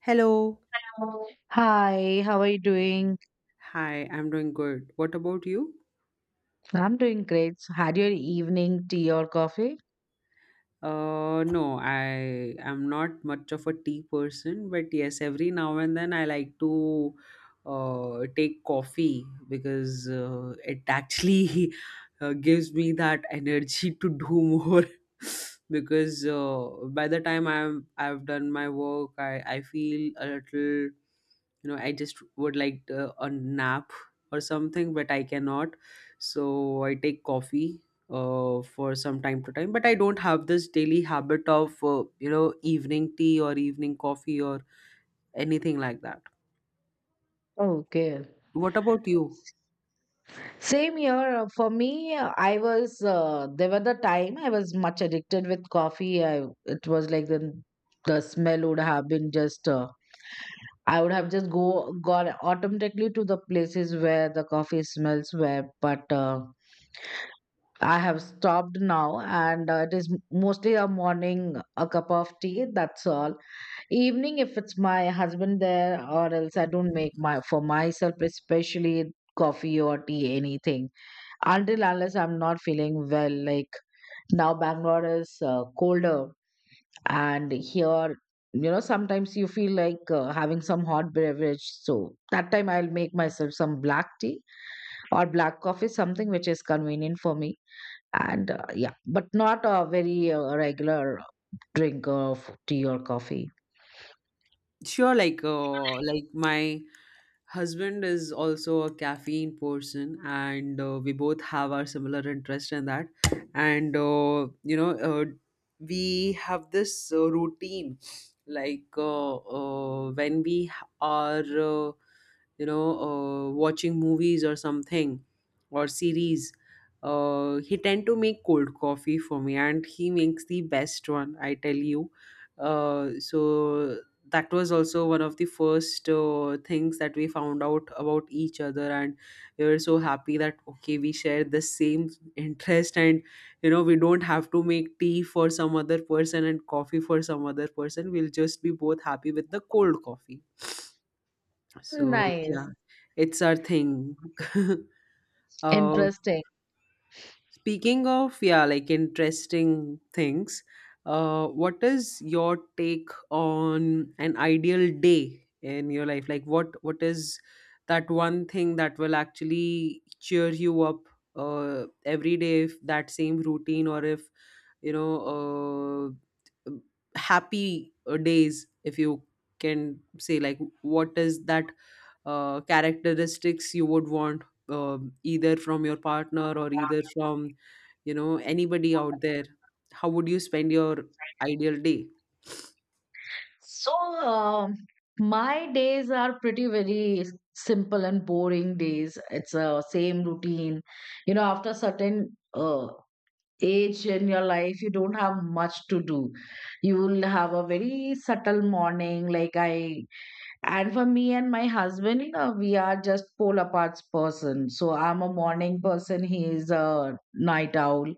Hello. Hi, how are you doing? Hi, I'm doing good. What about you? I'm doing great. So had your evening tea or coffee? No, I am not much of a tea person, but yes, every now and then I like to take coffee because it actually gives me that energy to do more. Because by the time I've done my work, I feel a little. I just would like a nap or something, but I cannot, so I take coffee for some time to time, but I don't have this daily habit of evening tea or evening coffee or anything like that. Okay. What about you? Same here. For me, I was, there were the time I was much addicted with coffee. I, it was like the smell would have been just, I would have just go gone automatically to the places where the coffee smells were, but I have stopped now, and it is mostly a morning, a cup of tea, that's all. Evening, if it's my husband there, or else I don't make my for myself, especially coffee or tea, anything until unless I'm not feeling well. Like now, Bangalore is colder, and here, you know, sometimes you feel like having some hot beverage. So that time, I'll make myself some black tea or black coffee, something which is convenient for me. And yeah, but not a very regular drink of tea or coffee. Sure, like my husband is also a caffeine person, and we both have our similar interest in that. And we have this routine, like when we are uh, watching movies or something or series. He tend to make cold coffee for me, and he makes the best one, I tell you. So that was also one of the first things that we found out about each other, and we were so happy that, okay, we share the same interest, and we don't have to make tea for some other person and coffee for some other person, we'll just be both happy with the cold coffee. So yeah, Nice, it's our thing. uh, interesting. Speaking of, yeah, like interesting things, what is your take on an ideal day in your life? Like what is that one thing that will actually cheer you up every day, if that same routine or if you know uh, happy days, if you can say, like what is that characteristics you would want uh, either from your partner or either from anybody out there? How would you spend your ideal day? So, my days are pretty very simple and boring days. It's a same routine. You know, after certain age in your life, you don't have much to do. You will have a very subtle morning, like I. And for me and my husband, you know, we are just polar parts person. So I'm a morning person. He is a night owl,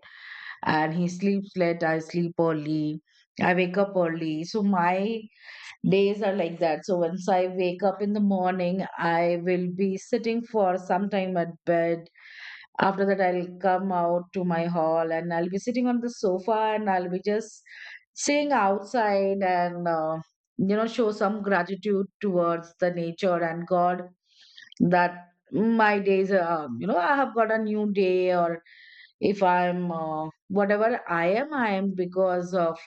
and he sleeps late. I sleep early. I wake up early. So my days are like that. So once I wake up in the morning, I will be sitting for some time at bed. After that, I'll come out to my hall and I'll be sitting on the sofa and I'll be just sitting outside and, you know, show some gratitude towards the nature and God that my days are, you know, I have got a new day or if I'm, whatever I am because of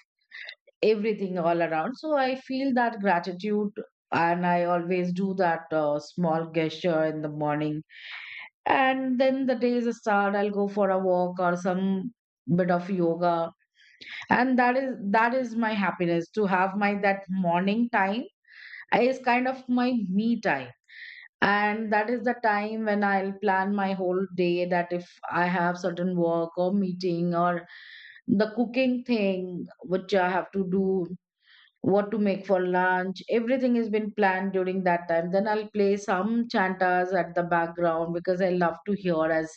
everything all around. So I feel that gratitude, and I always do that small gesture in the morning. And then the days start. I'll go for a walk or some bit of yoga, and that is my happiness to have my that morning time is kind of my me time. And that is the time when I'll plan my whole day. That if I have certain work or meeting or the cooking thing which I have to do, what to make for lunch, everything has been planned during that time. Then I'll play some chantas at the background because I love to hear, as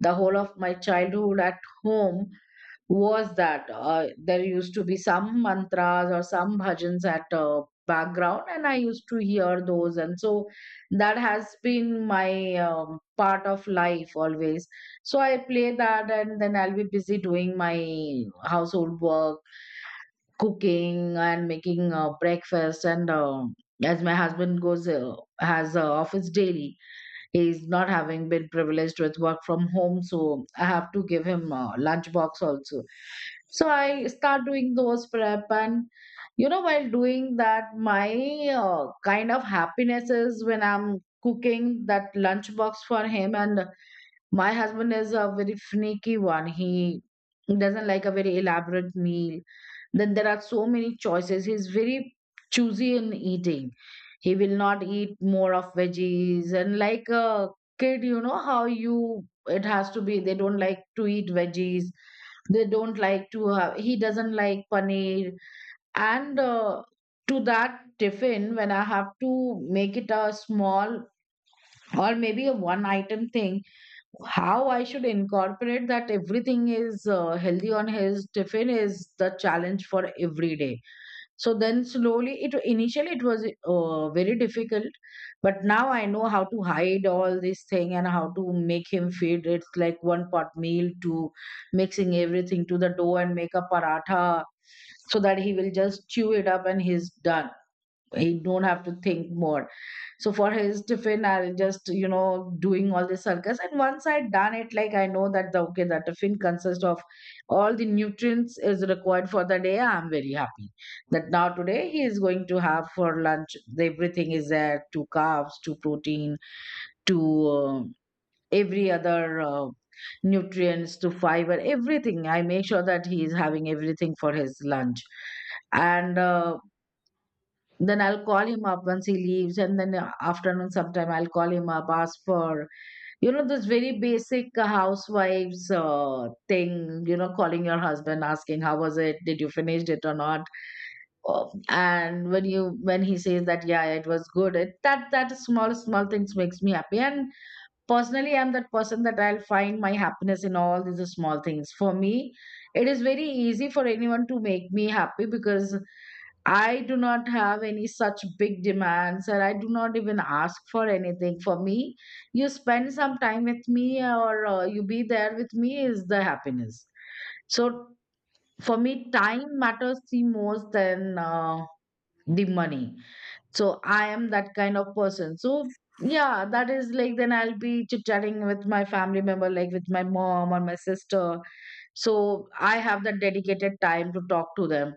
the whole of my childhood at home was that there used to be some mantras or some bhajans at background and I used to hear those. And so that has been my part of life always. So I play that and then I'll be busy doing my household work, cooking and making breakfast. And as my husband goes has office daily, he's not having been privileged with work from home, so I have to give him a lunch box also. So I start doing those prep, and you know while doing that, my kind of happiness is when I'm cooking that lunch box for him. And my husband is a very finicky one. He doesn't like a very elaborate meal. Then there are so many choices. He's very choosy in eating. He will not eat more of veggies. And like a kid, you know how you it has to be. They don't like to eat veggies. They don't like to have. He doesn't like paneer. And to that tiffin, when I have to make it a small or maybe a one item thing, how I should incorporate that everything is healthy on his tiffin is the challenge for every day. So then slowly, it initially it was very difficult, but now I know how to hide all this thing and how to make him feed. It's like one pot meal to mixing everything to the dough and make a paratha so that he will just chew it up and he's done. He don't have to think more. So for his tiffin, I'll just, you know, doing all the circus. And once I'd done it, like I know that the okay, the tiffin consists of all the nutrients is required for the day. I'm very happy that now today he is going to have for lunch. Everything is there: two carbs, two protein, two, every other nutrients, to fiber, everything. I make sure that he is having everything for his lunch. And then I'll call him up once he leaves, and then afternoon sometime I'll call him up, ask for, you know, this very basic housewives thing, you know, calling your husband, asking how was it, did you finish it or not. Oh, and when he says that yeah it was good, it, that small small things makes me happy. And personally, I'm that person that I'll find my happiness in all these small things. For me, it is very easy for anyone to make me happy because I do not have any such big demands, or I do not even ask for anything. For me, you spend some time with me or you be there with me is the happiness. So, for me, time matters the most than the money. So I am that kind of person. So yeah, that is like then I'll be chit chatting with my family member, like with my mom or my sister. So I have that dedicated time to talk to them.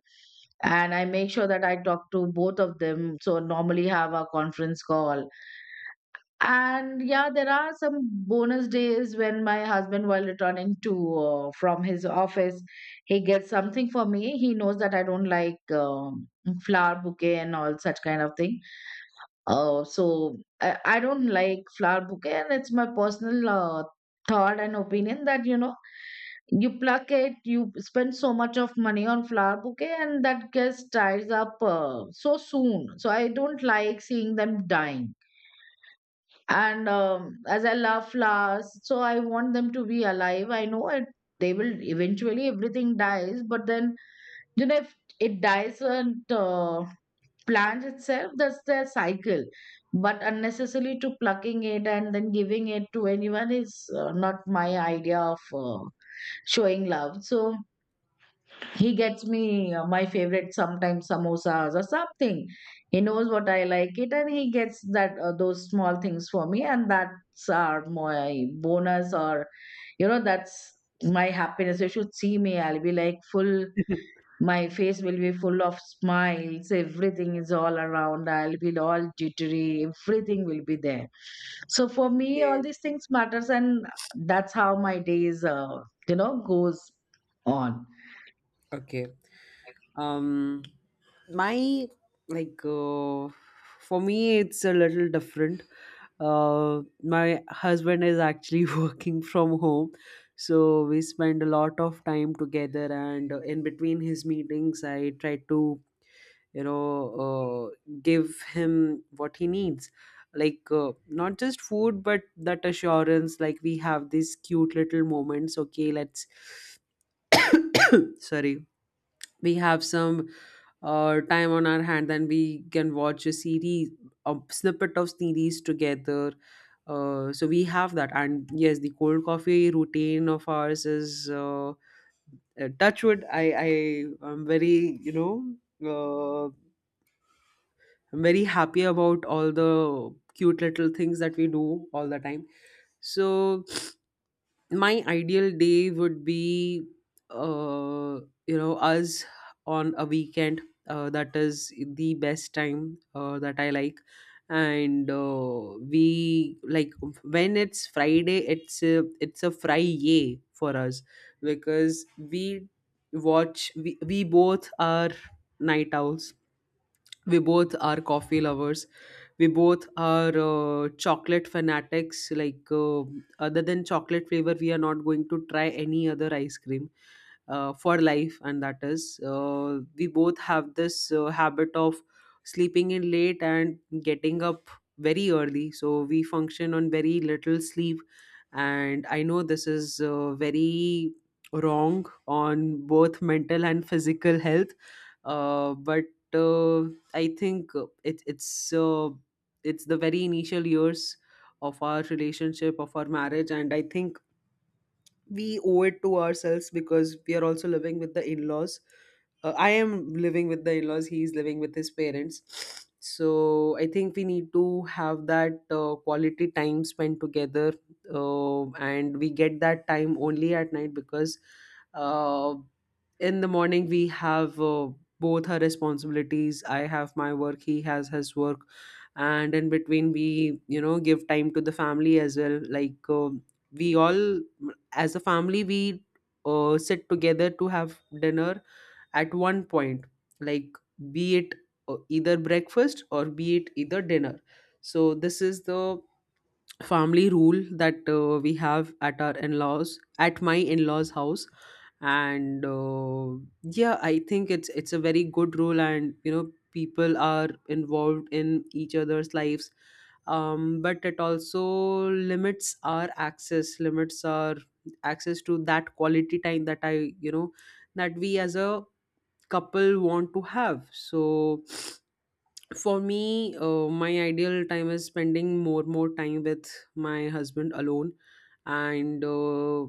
And I make sure that I talk to both of them. So normally have a conference call. And yeah, there are some bonus days when my husband, while returning to from his office, he gets something for me. He knows that I don't like flower bouquet and all such kind of thing. So I don't like flower bouquet, and it's my personal thought and opinion that you know you pluck it, you spend so much of money on flower bouquet, and that gets dries up so soon. So I don't like seeing them dying. And as I love flowers, so I want them to be alive. I know it. They will eventually everything dies, but then you know if it dies and plant itself, that's their cycle. But unnecessarily to plucking it and then giving it to anyone is not my idea of showing love. So he gets me my favorite sometimes samosas or something. He knows what I like it and he gets that those small things for me, and that's our my bonus. Or you know that's my happiness. You should see me, I'll be like full, my face will be full of smiles. Everything is all around. I'll be all jittery. Everything will be there. So for me, all Okay, these things matters, and that's how my days, you know, goes on. okay. Um, my like for me, it's a little different. My husband is actually working from home, so we spend a lot of time together. And in between his meetings, I try to give him what he needs, like not just food, but that assurance. Like we have these cute little moments. Okay, let's sorry, we have some time on our hand, then we can watch a series, a snippet of series together. So we have that, and yes, the cold coffee routine of ours is touchwood, I am very uh, I'm very happy about all the cute little things that we do all the time. So my ideal day would be uh you know, us on a weekend. That is the best time that I like, and we like when it's Friday. It's a Friday for us, because we we both are night owls, we both are coffee lovers, we both are chocolate fanatics. Like, other than chocolate flavor, we are not going to try any other ice cream for life. And that is, we both have this habit of sleeping in late and getting up very early. So we function on very little sleep. And I know this is very wrong on both mental and physical health. But uh, I think it's the very initial years of our relationship, of our marriage, and I think we owe it to ourselves, because we are also living with the in-laws. I am living with the in-laws, he's living with his parents, so I think we need to have that quality time spent together. uh, and we get that time only at night, because uh, in the morning we have both our responsibilities. I have my work, he has his work. And in between, we, you know, give time to the family as well. Like we all, as a family, we sit together to have dinner at one point, like be it either breakfast or be it either dinner. So this is the family rule that we have at our in-laws, at my in-laws house. And yeah, I think it's a very good rule, and you know, people are involved in each other's lives. Um, but it also limits our access, limits our access to that quality time that I, you know, that we as a couple want to have. So for me, my ideal time is spending more time with my husband alone. And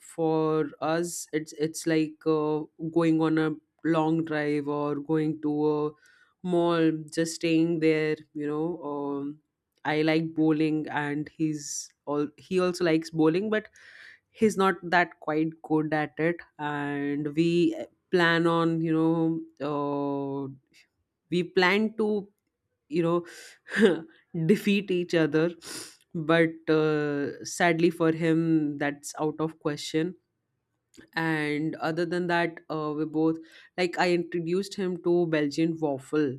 for us, it's like going on a long drive, or going to a mall, just staying there. You know, I like bowling, and he also likes bowling, but he's not that quite good at it, and we plan on, we plan to, you know, defeat each other. But sadly for him, that's out of question. And other than that, we both, like, I introduced him to Belgian waffle,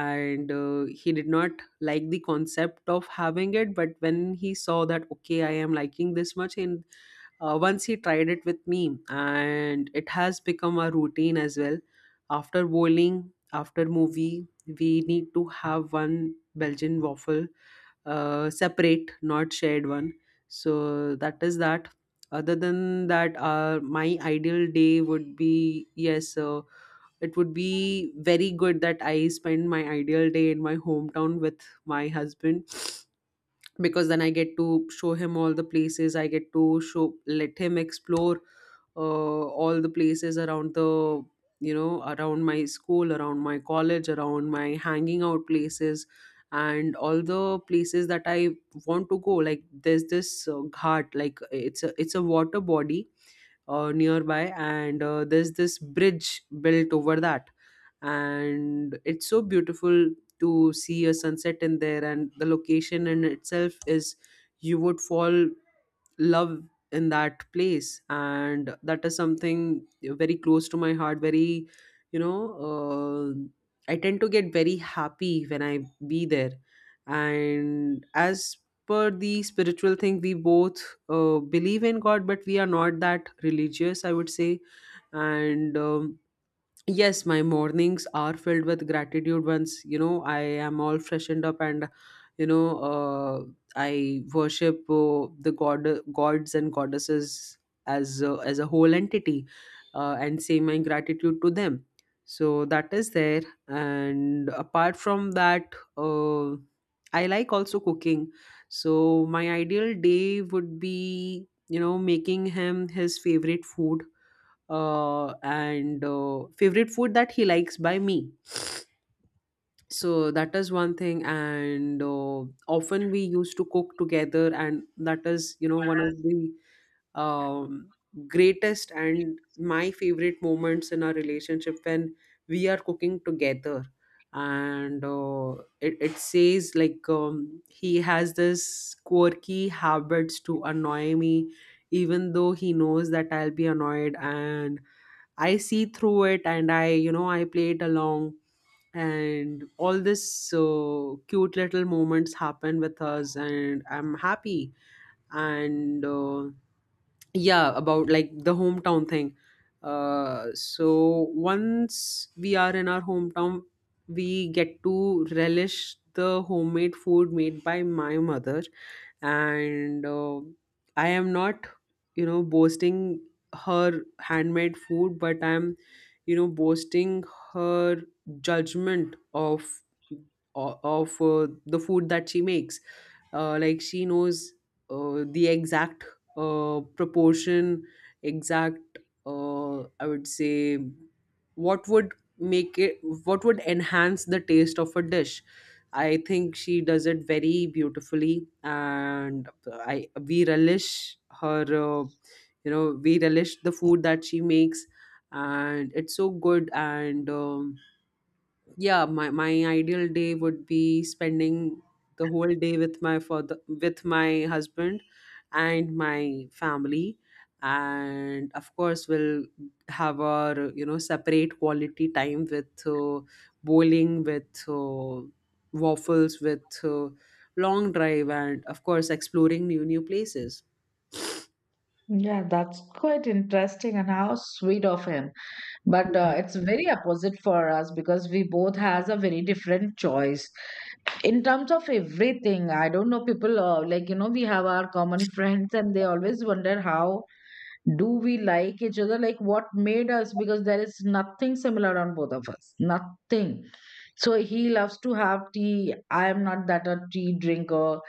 and he did not like the concept of having it, but when he saw that, okay, I am liking this much, and once he tried it with me, and it has become a routine as well. After bowling, after movie, we need to have one Belgian waffle, separate, not shared one. So that is that. Other than that, my ideal day would be, yes, it would be very good that I spend my ideal day in my hometown with my husband, because then I get to show him all the places. I get to show, let him explore all the places around the, you know, around my school, around my college, around my hanging out places, and all the places that I want to go. Like there's this ghat, like it's a water body nearby, and there's this bridge built over that, and it's so beautiful to see a sunset in there, and the location in itself is, you would fall love in that place, and that is something very close to my heart, very, you know I tend to get very happy when I be there. And as per the spiritual thing, we both believe in God, but we are not that religious, I would say. And yes, my mornings are filled with gratitude. Once, you know, I am all freshened up and, you know, uh, I worship the god, gods and goddesses as a whole entity, and say my gratitude to them. So that is there. And apart from that, I like also cooking. So my ideal day would be, you know, making him his favorite food and favorite food that he likes by me. So that is one thing, and often we used to cook together, and that is, you know, one of the um, greatest and my favorite moments in our relationship, when we are cooking together. And it says like, he has this quirky habits to annoy me, even though he knows that I'll be annoyed, and I see through it, and I, you know, I play it along. And all this cute little moments happen with us, and I'm happy. And yeah, about like the hometown thing. So once we are in our hometown, we get to relish the homemade food made by my mother. And I am not, you know, boasting her handmade food, but I am, you know, boasting her judgment of of the food that she makes. Like she knows the exact proportion, exact, I would say, what would make it, what would enhance the taste of a dish. I think she does it very beautifully, and I, we relish her. You know, we relish the food that she makes, and it's so good. And yeah, my ideal day would be spending the whole day with my father, with my husband, and my family. And of course, we'll have our, you know, separate quality time, with bowling, with waffles, with long drive, and of course exploring new places. Yeah, that's quite interesting and how sweet of him. But Mhm. it's very opposite for us because we both has a very different choice in terms of everything. I don't know, people like you know we have our common friends and they always wonder how do we like each other, like what made us, because there is nothing similar on both of us, nothing. So he loves to have tea, I am not that a tea drinker.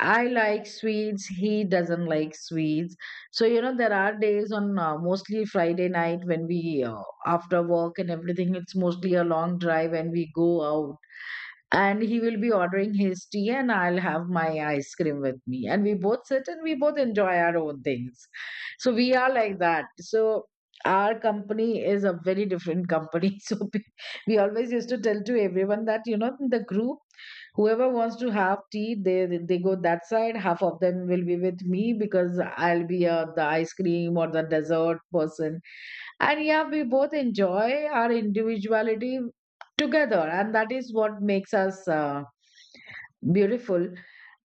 I like sweets, he doesn't like sweets. So you know, there are days on mostly Friday night when we, after work and everything, it's mostly a long drive and we go out, and he will be ordering his tea and I'll have my ice cream with me and we both sit and we both enjoy our own things. So we are like that. So our company is a very different company so we always used to tell to everyone that you know the group whoever wants to have tea, they go that side, half of them will be with me because I'll be the ice cream or the dessert person. And yeah, we both enjoy our individuality together, and that is what makes us beautiful.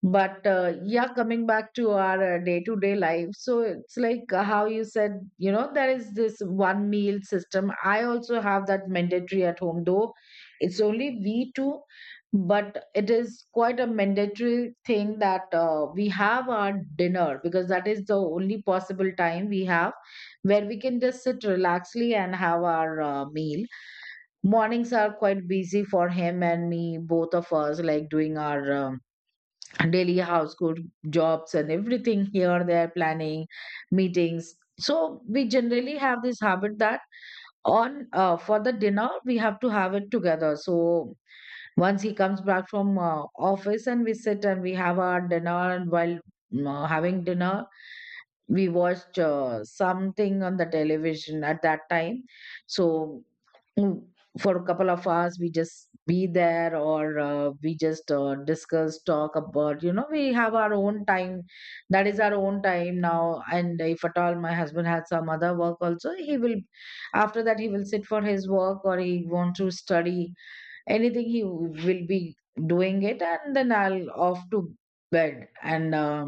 But yeah, coming back to our day-to-day life, so it's like how you said, you know there is this one meal system, I also have that mandatory at home though it's only we two. But it is quite a mandatory thing that we have our dinner because that is the only possible time we have where we can just sit relaxedly and have our meal. Mornings are quite busy for him and me, both of us like doing our daily household jobs and everything, here there planning meetings. So we generally have this habit that on for the dinner we have to have it together. So once he comes back from office, and we sit and we have our dinner. And while having dinner, we watched something on the television at that time. So mm, for a couple of hours we just be there, or we just discuss, talk about, you know, we have our own time. That is our own time. Now, and if at all my husband had some other work also, he will, after that he will sit for his work, or he want to study anything, he will be doing it. And then I'll off to bed, and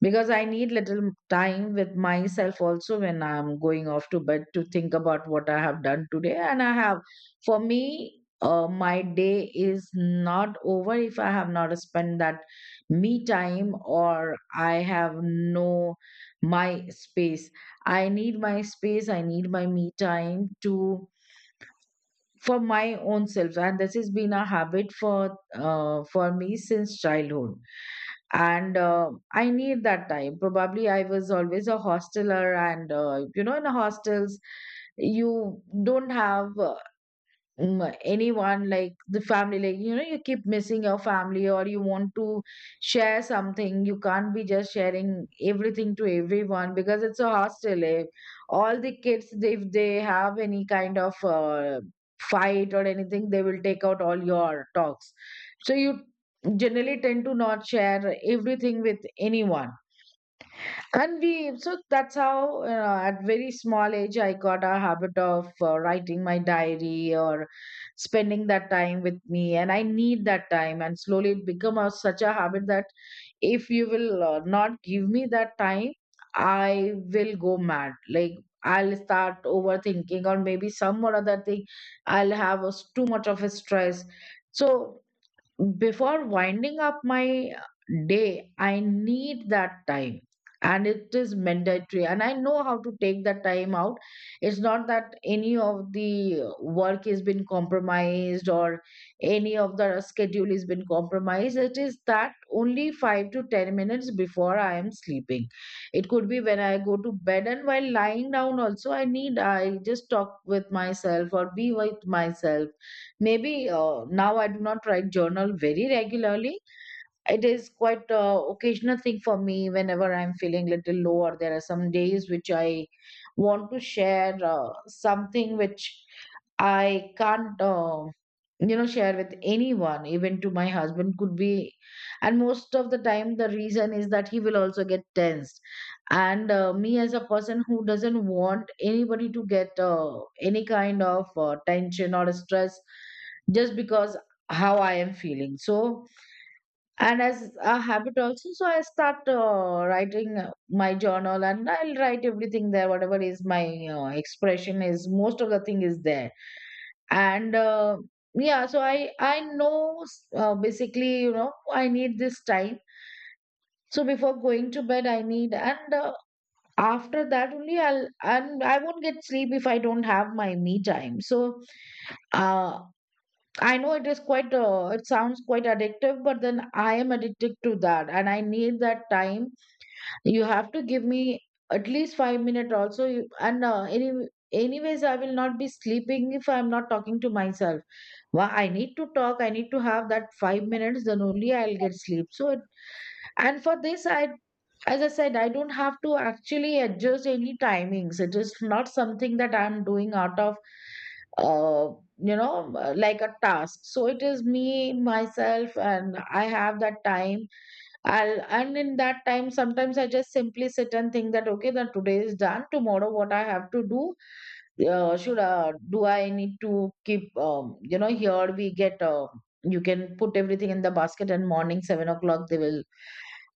because I need little time with myself also when I'm going off to bed, to think about what I have done today. And I have, for me, my day is not over if I have not spent that me time, or I have no my space. I need my space, I need my me time to, for my own self. And this has been a habit for me since childhood, and I need that time. Probably I was always a hosteler, and you know, in hostels you don't have, mm, anyone like the family, like, you know, you keep missing your family, or you want to share something. You can't be just sharing everything to everyone because it's a hostel, eh? All the kids, they- if they have any kind of fight or anything, they will take out all your talks. So you generally tend to not share everything with anyone. So that's how, you know, at very small age, I got a habit of writing my diary, or spending that time with me. And I need that time. And slowly it become a, such a habit, that if you will not give me that time, I will go mad. Like, I'll start overthinking, or maybe some or other thing. I'll have a, too much of a stress. So before winding up my day, I need that time. And it is mandatory. And I know how to take that time out. It's not that any of the work has been compromised, or any of the schedule has been compromised. It is that only five to 10 minutes before I am sleeping. It could be when I go to bed, and while lying down also, I need, I just talk with myself or be with myself. Maybe now I do not write journal very regularly. It is quite occasional thing for me, whenever I'm feeling little low, or there are some days which I want to share something which I can't, you know, share with anyone, even to my husband, could be. And most of the time, the reason is that he will also get tensed. And me, as a person who doesn't want anybody to get any kind of tension or stress, just because how I am feeling. So, and as a habit also, so I start writing my journal, and I'll write everything there, whatever is my expression is, most of the thing is there. And yeah, so I know basically, you know, I need this time. So before going to bed I need, and after that only I'll, and I won't get sleep if I don't have my me time. So uh, I know it is quite, it sounds quite addictive, but then I am addicted to that, and I need that time. You have to give me at least 5 minutes also, you, and anyways, I will not be sleeping if I'm not talking to myself. Well, I need to talk, I need to have that 5 minutes, then only I'll get sleep. So it, and for this I, as I said, I don't have to actually adjust any timings. It is not something that I'm doing out of uh, you know, like a task. So it is me myself, and I have that time I'll, and in that time sometimes I just simply sit and think that, okay, then today is done, tomorrow what I have to do. Should do I need to keep, you know, here we get you can put everything in the basket, and morning 7 o'clock they will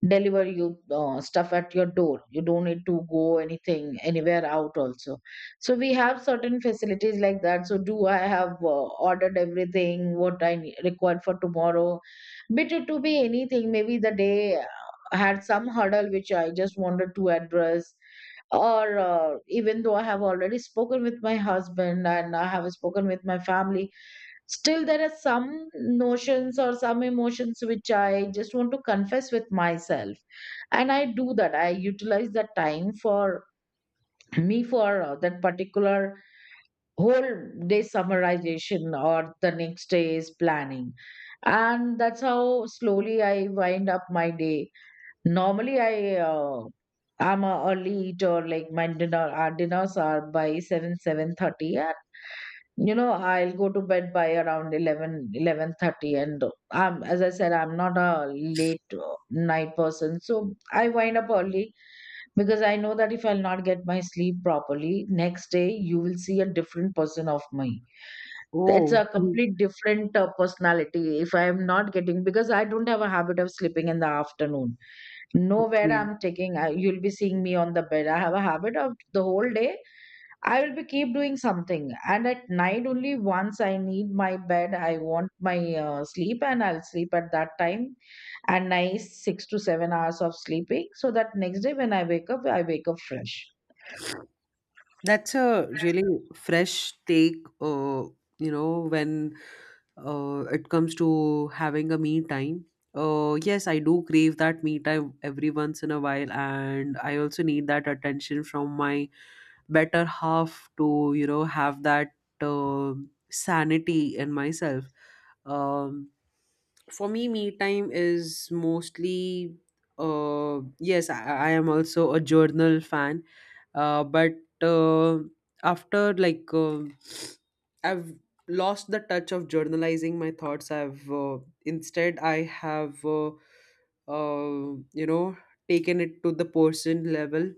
deliver you stuff at your door. You don't need to go anything anywhere out also. So we have certain facilities like that. So do I have ordered everything what I need, required for tomorrow. But it to be anything, maybe the day had some hurdle which I just wanted to address, or even though I have already spoken with my husband, and I have spoken with my family. Still, there are some notions or some emotions which I just want to confess with myself. And I do that. I utilize that time for me, for that particular whole day summarization, or the next day's planning. And that's how slowly I wind up my day. Normally, I I'm a early eater. Like my dinner, our dinners are by 7, 7:30, and you know, I'll go to bed by around 11, 11:30. And I'm, as I said, I'm not a late night person, so I wind up early, because I know that if I'll not get my sleep properly, next day you will see a different person of me. It's Oh, a complete different personality, if I am not getting, because I don't have a habit of sleeping in the afternoon. Nowhere okay. I'm taking, I, you'll be seeing me on the bed. I have a habit of the whole day I will be keep doing something, and at night only, once I need my bed, I want my sleep, and I'll sleep at that time. And nice 6 to 7 hours of sleeping, so that next day when I wake up, I wake up fresh. That's a really fresh take, you know, when it comes to having a me time. Yes, I do crave that me time every once in a while, and I also need that attention from my better half to, you know, have that uh, sanity in myself. Um, for me, me time is mostly. Yes, I am also a journal fan, but uh, after like I've lost the touch of journalizing my thoughts. I've instead I have uh, you know taken it to the person level.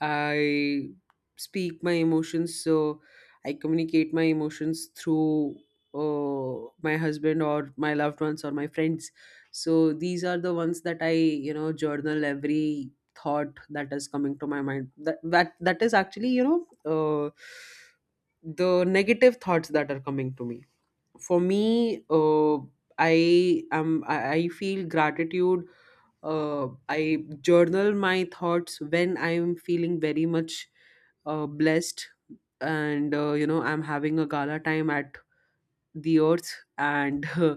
I speak my emotions, so I communicate my emotions through my husband or my loved ones or my friends. So these are the ones that I, you know, journal every thought that is coming to my mind. That is actually, know, uh, the negative thoughts that are coming to me. For me, I feel gratitude. I journal my thoughts when I'm feeling very much blessed, and you know, I'm having a gala time at the earth and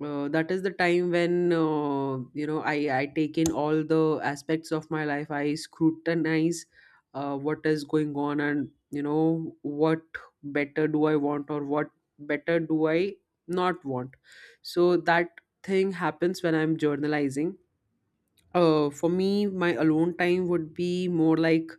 that is the time when you know, I take in all the aspects of my life. I scrutinize what is going on, and you know, what better do I want or what better do I not want, so that thing happens when I'm journalizing. For me, my alone time would be more like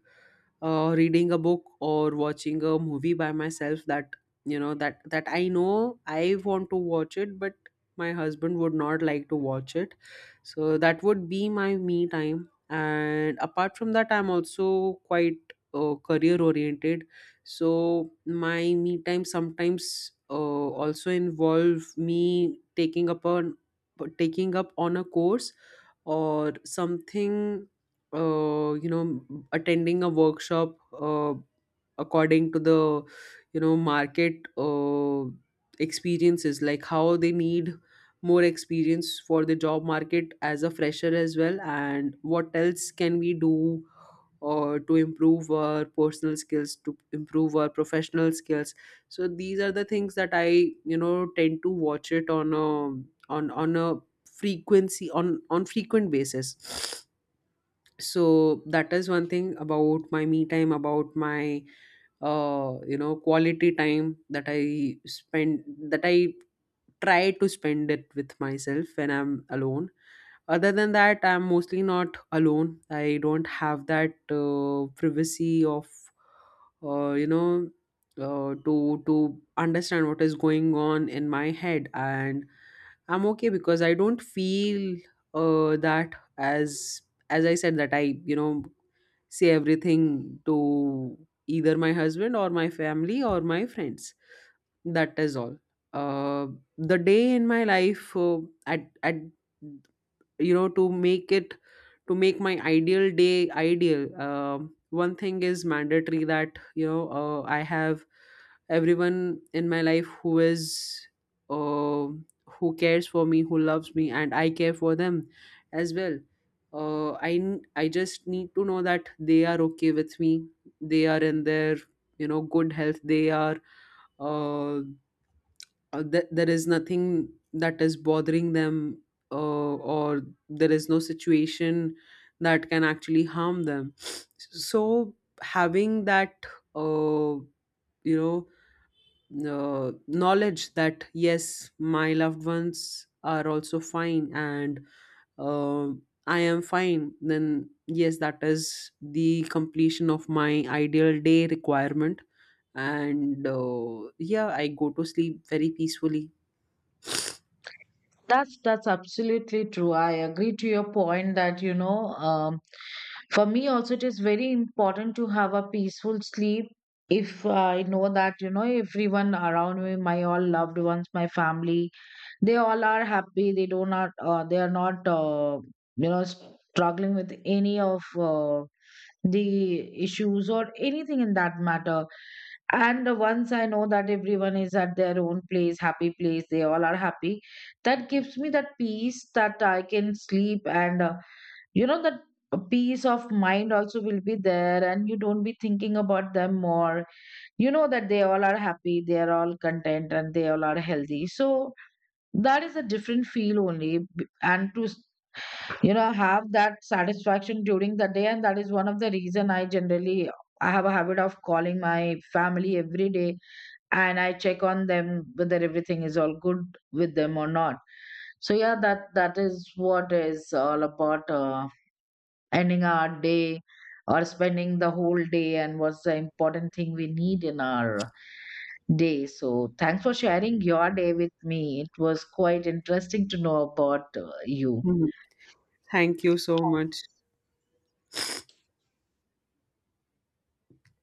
reading a book or watching a movie by myself that I know I want to watch it, but my husband would not like to watch it, so that would be my me time. And apart from that, I'm also quite career oriented, so my me time sometimes also involve me taking up on a course or something, uh, you know attending a workshop according to the you know market experiences, like how they need more experience for the job market as a fresher as well, and what else can we do or to improve our personal skills, to improve our professional skills. So these are the things that I, you know, tend to watch it on a frequency, on frequent basis. So that is one thing about my me time, about my quality time that I spend, that I try to spend it with myself when I'm alone. Other than that, I'm mostly not alone. I don't have that privacy of uh, you know to understand what is going on in my head. And I'm okay because I don't feel that, as I said, that I, you know, say everything to either my husband or my family or my friends. That is all uh, the day in my life. At You know, to make it, to make my ideal day ideal, one thing is mandatory, that you know, I have everyone in my life who is uh, who cares for me, who loves me, and I care for them as well. I just need to know that they are okay with me, they are in their you know good health, they are uh there is nothing that is bothering them, or there is no situation that can actually harm them. So having that uh, you know knowledge that yes, my loved ones are also fine, and uh, I am fine, then yes, that is the completion of my ideal day requirement. And yeah, I go to sleep very peacefully. That's absolutely true. I agree to your point that, you know, for me also it is very important to have a peaceful sleep. If I know that, you know, everyone around me, my all loved ones, my family, they all are happy. They do not. They are not. You know, struggling with any of the issues or anything in that matter. And once I know that everyone is at their own place, happy place, they all are happy, that gives me that peace that I can sleep, and you know, that peace of mind also will be there, and you don't be thinking about them more. You know that they all are happy, they are all content, and they all are healthy. So that is a different feel only, and to you know, have that satisfaction during the day. And that is one of the reason I generally, I have a habit of calling my family every day, and I check on them whether everything is all good with them or not. So yeah, that is what is all about ending our day, or spending the whole day, and what's the important thing we need in our day. So thanks for sharing your day with me. It was quite interesting to know about you. Mhm. Thank you so much.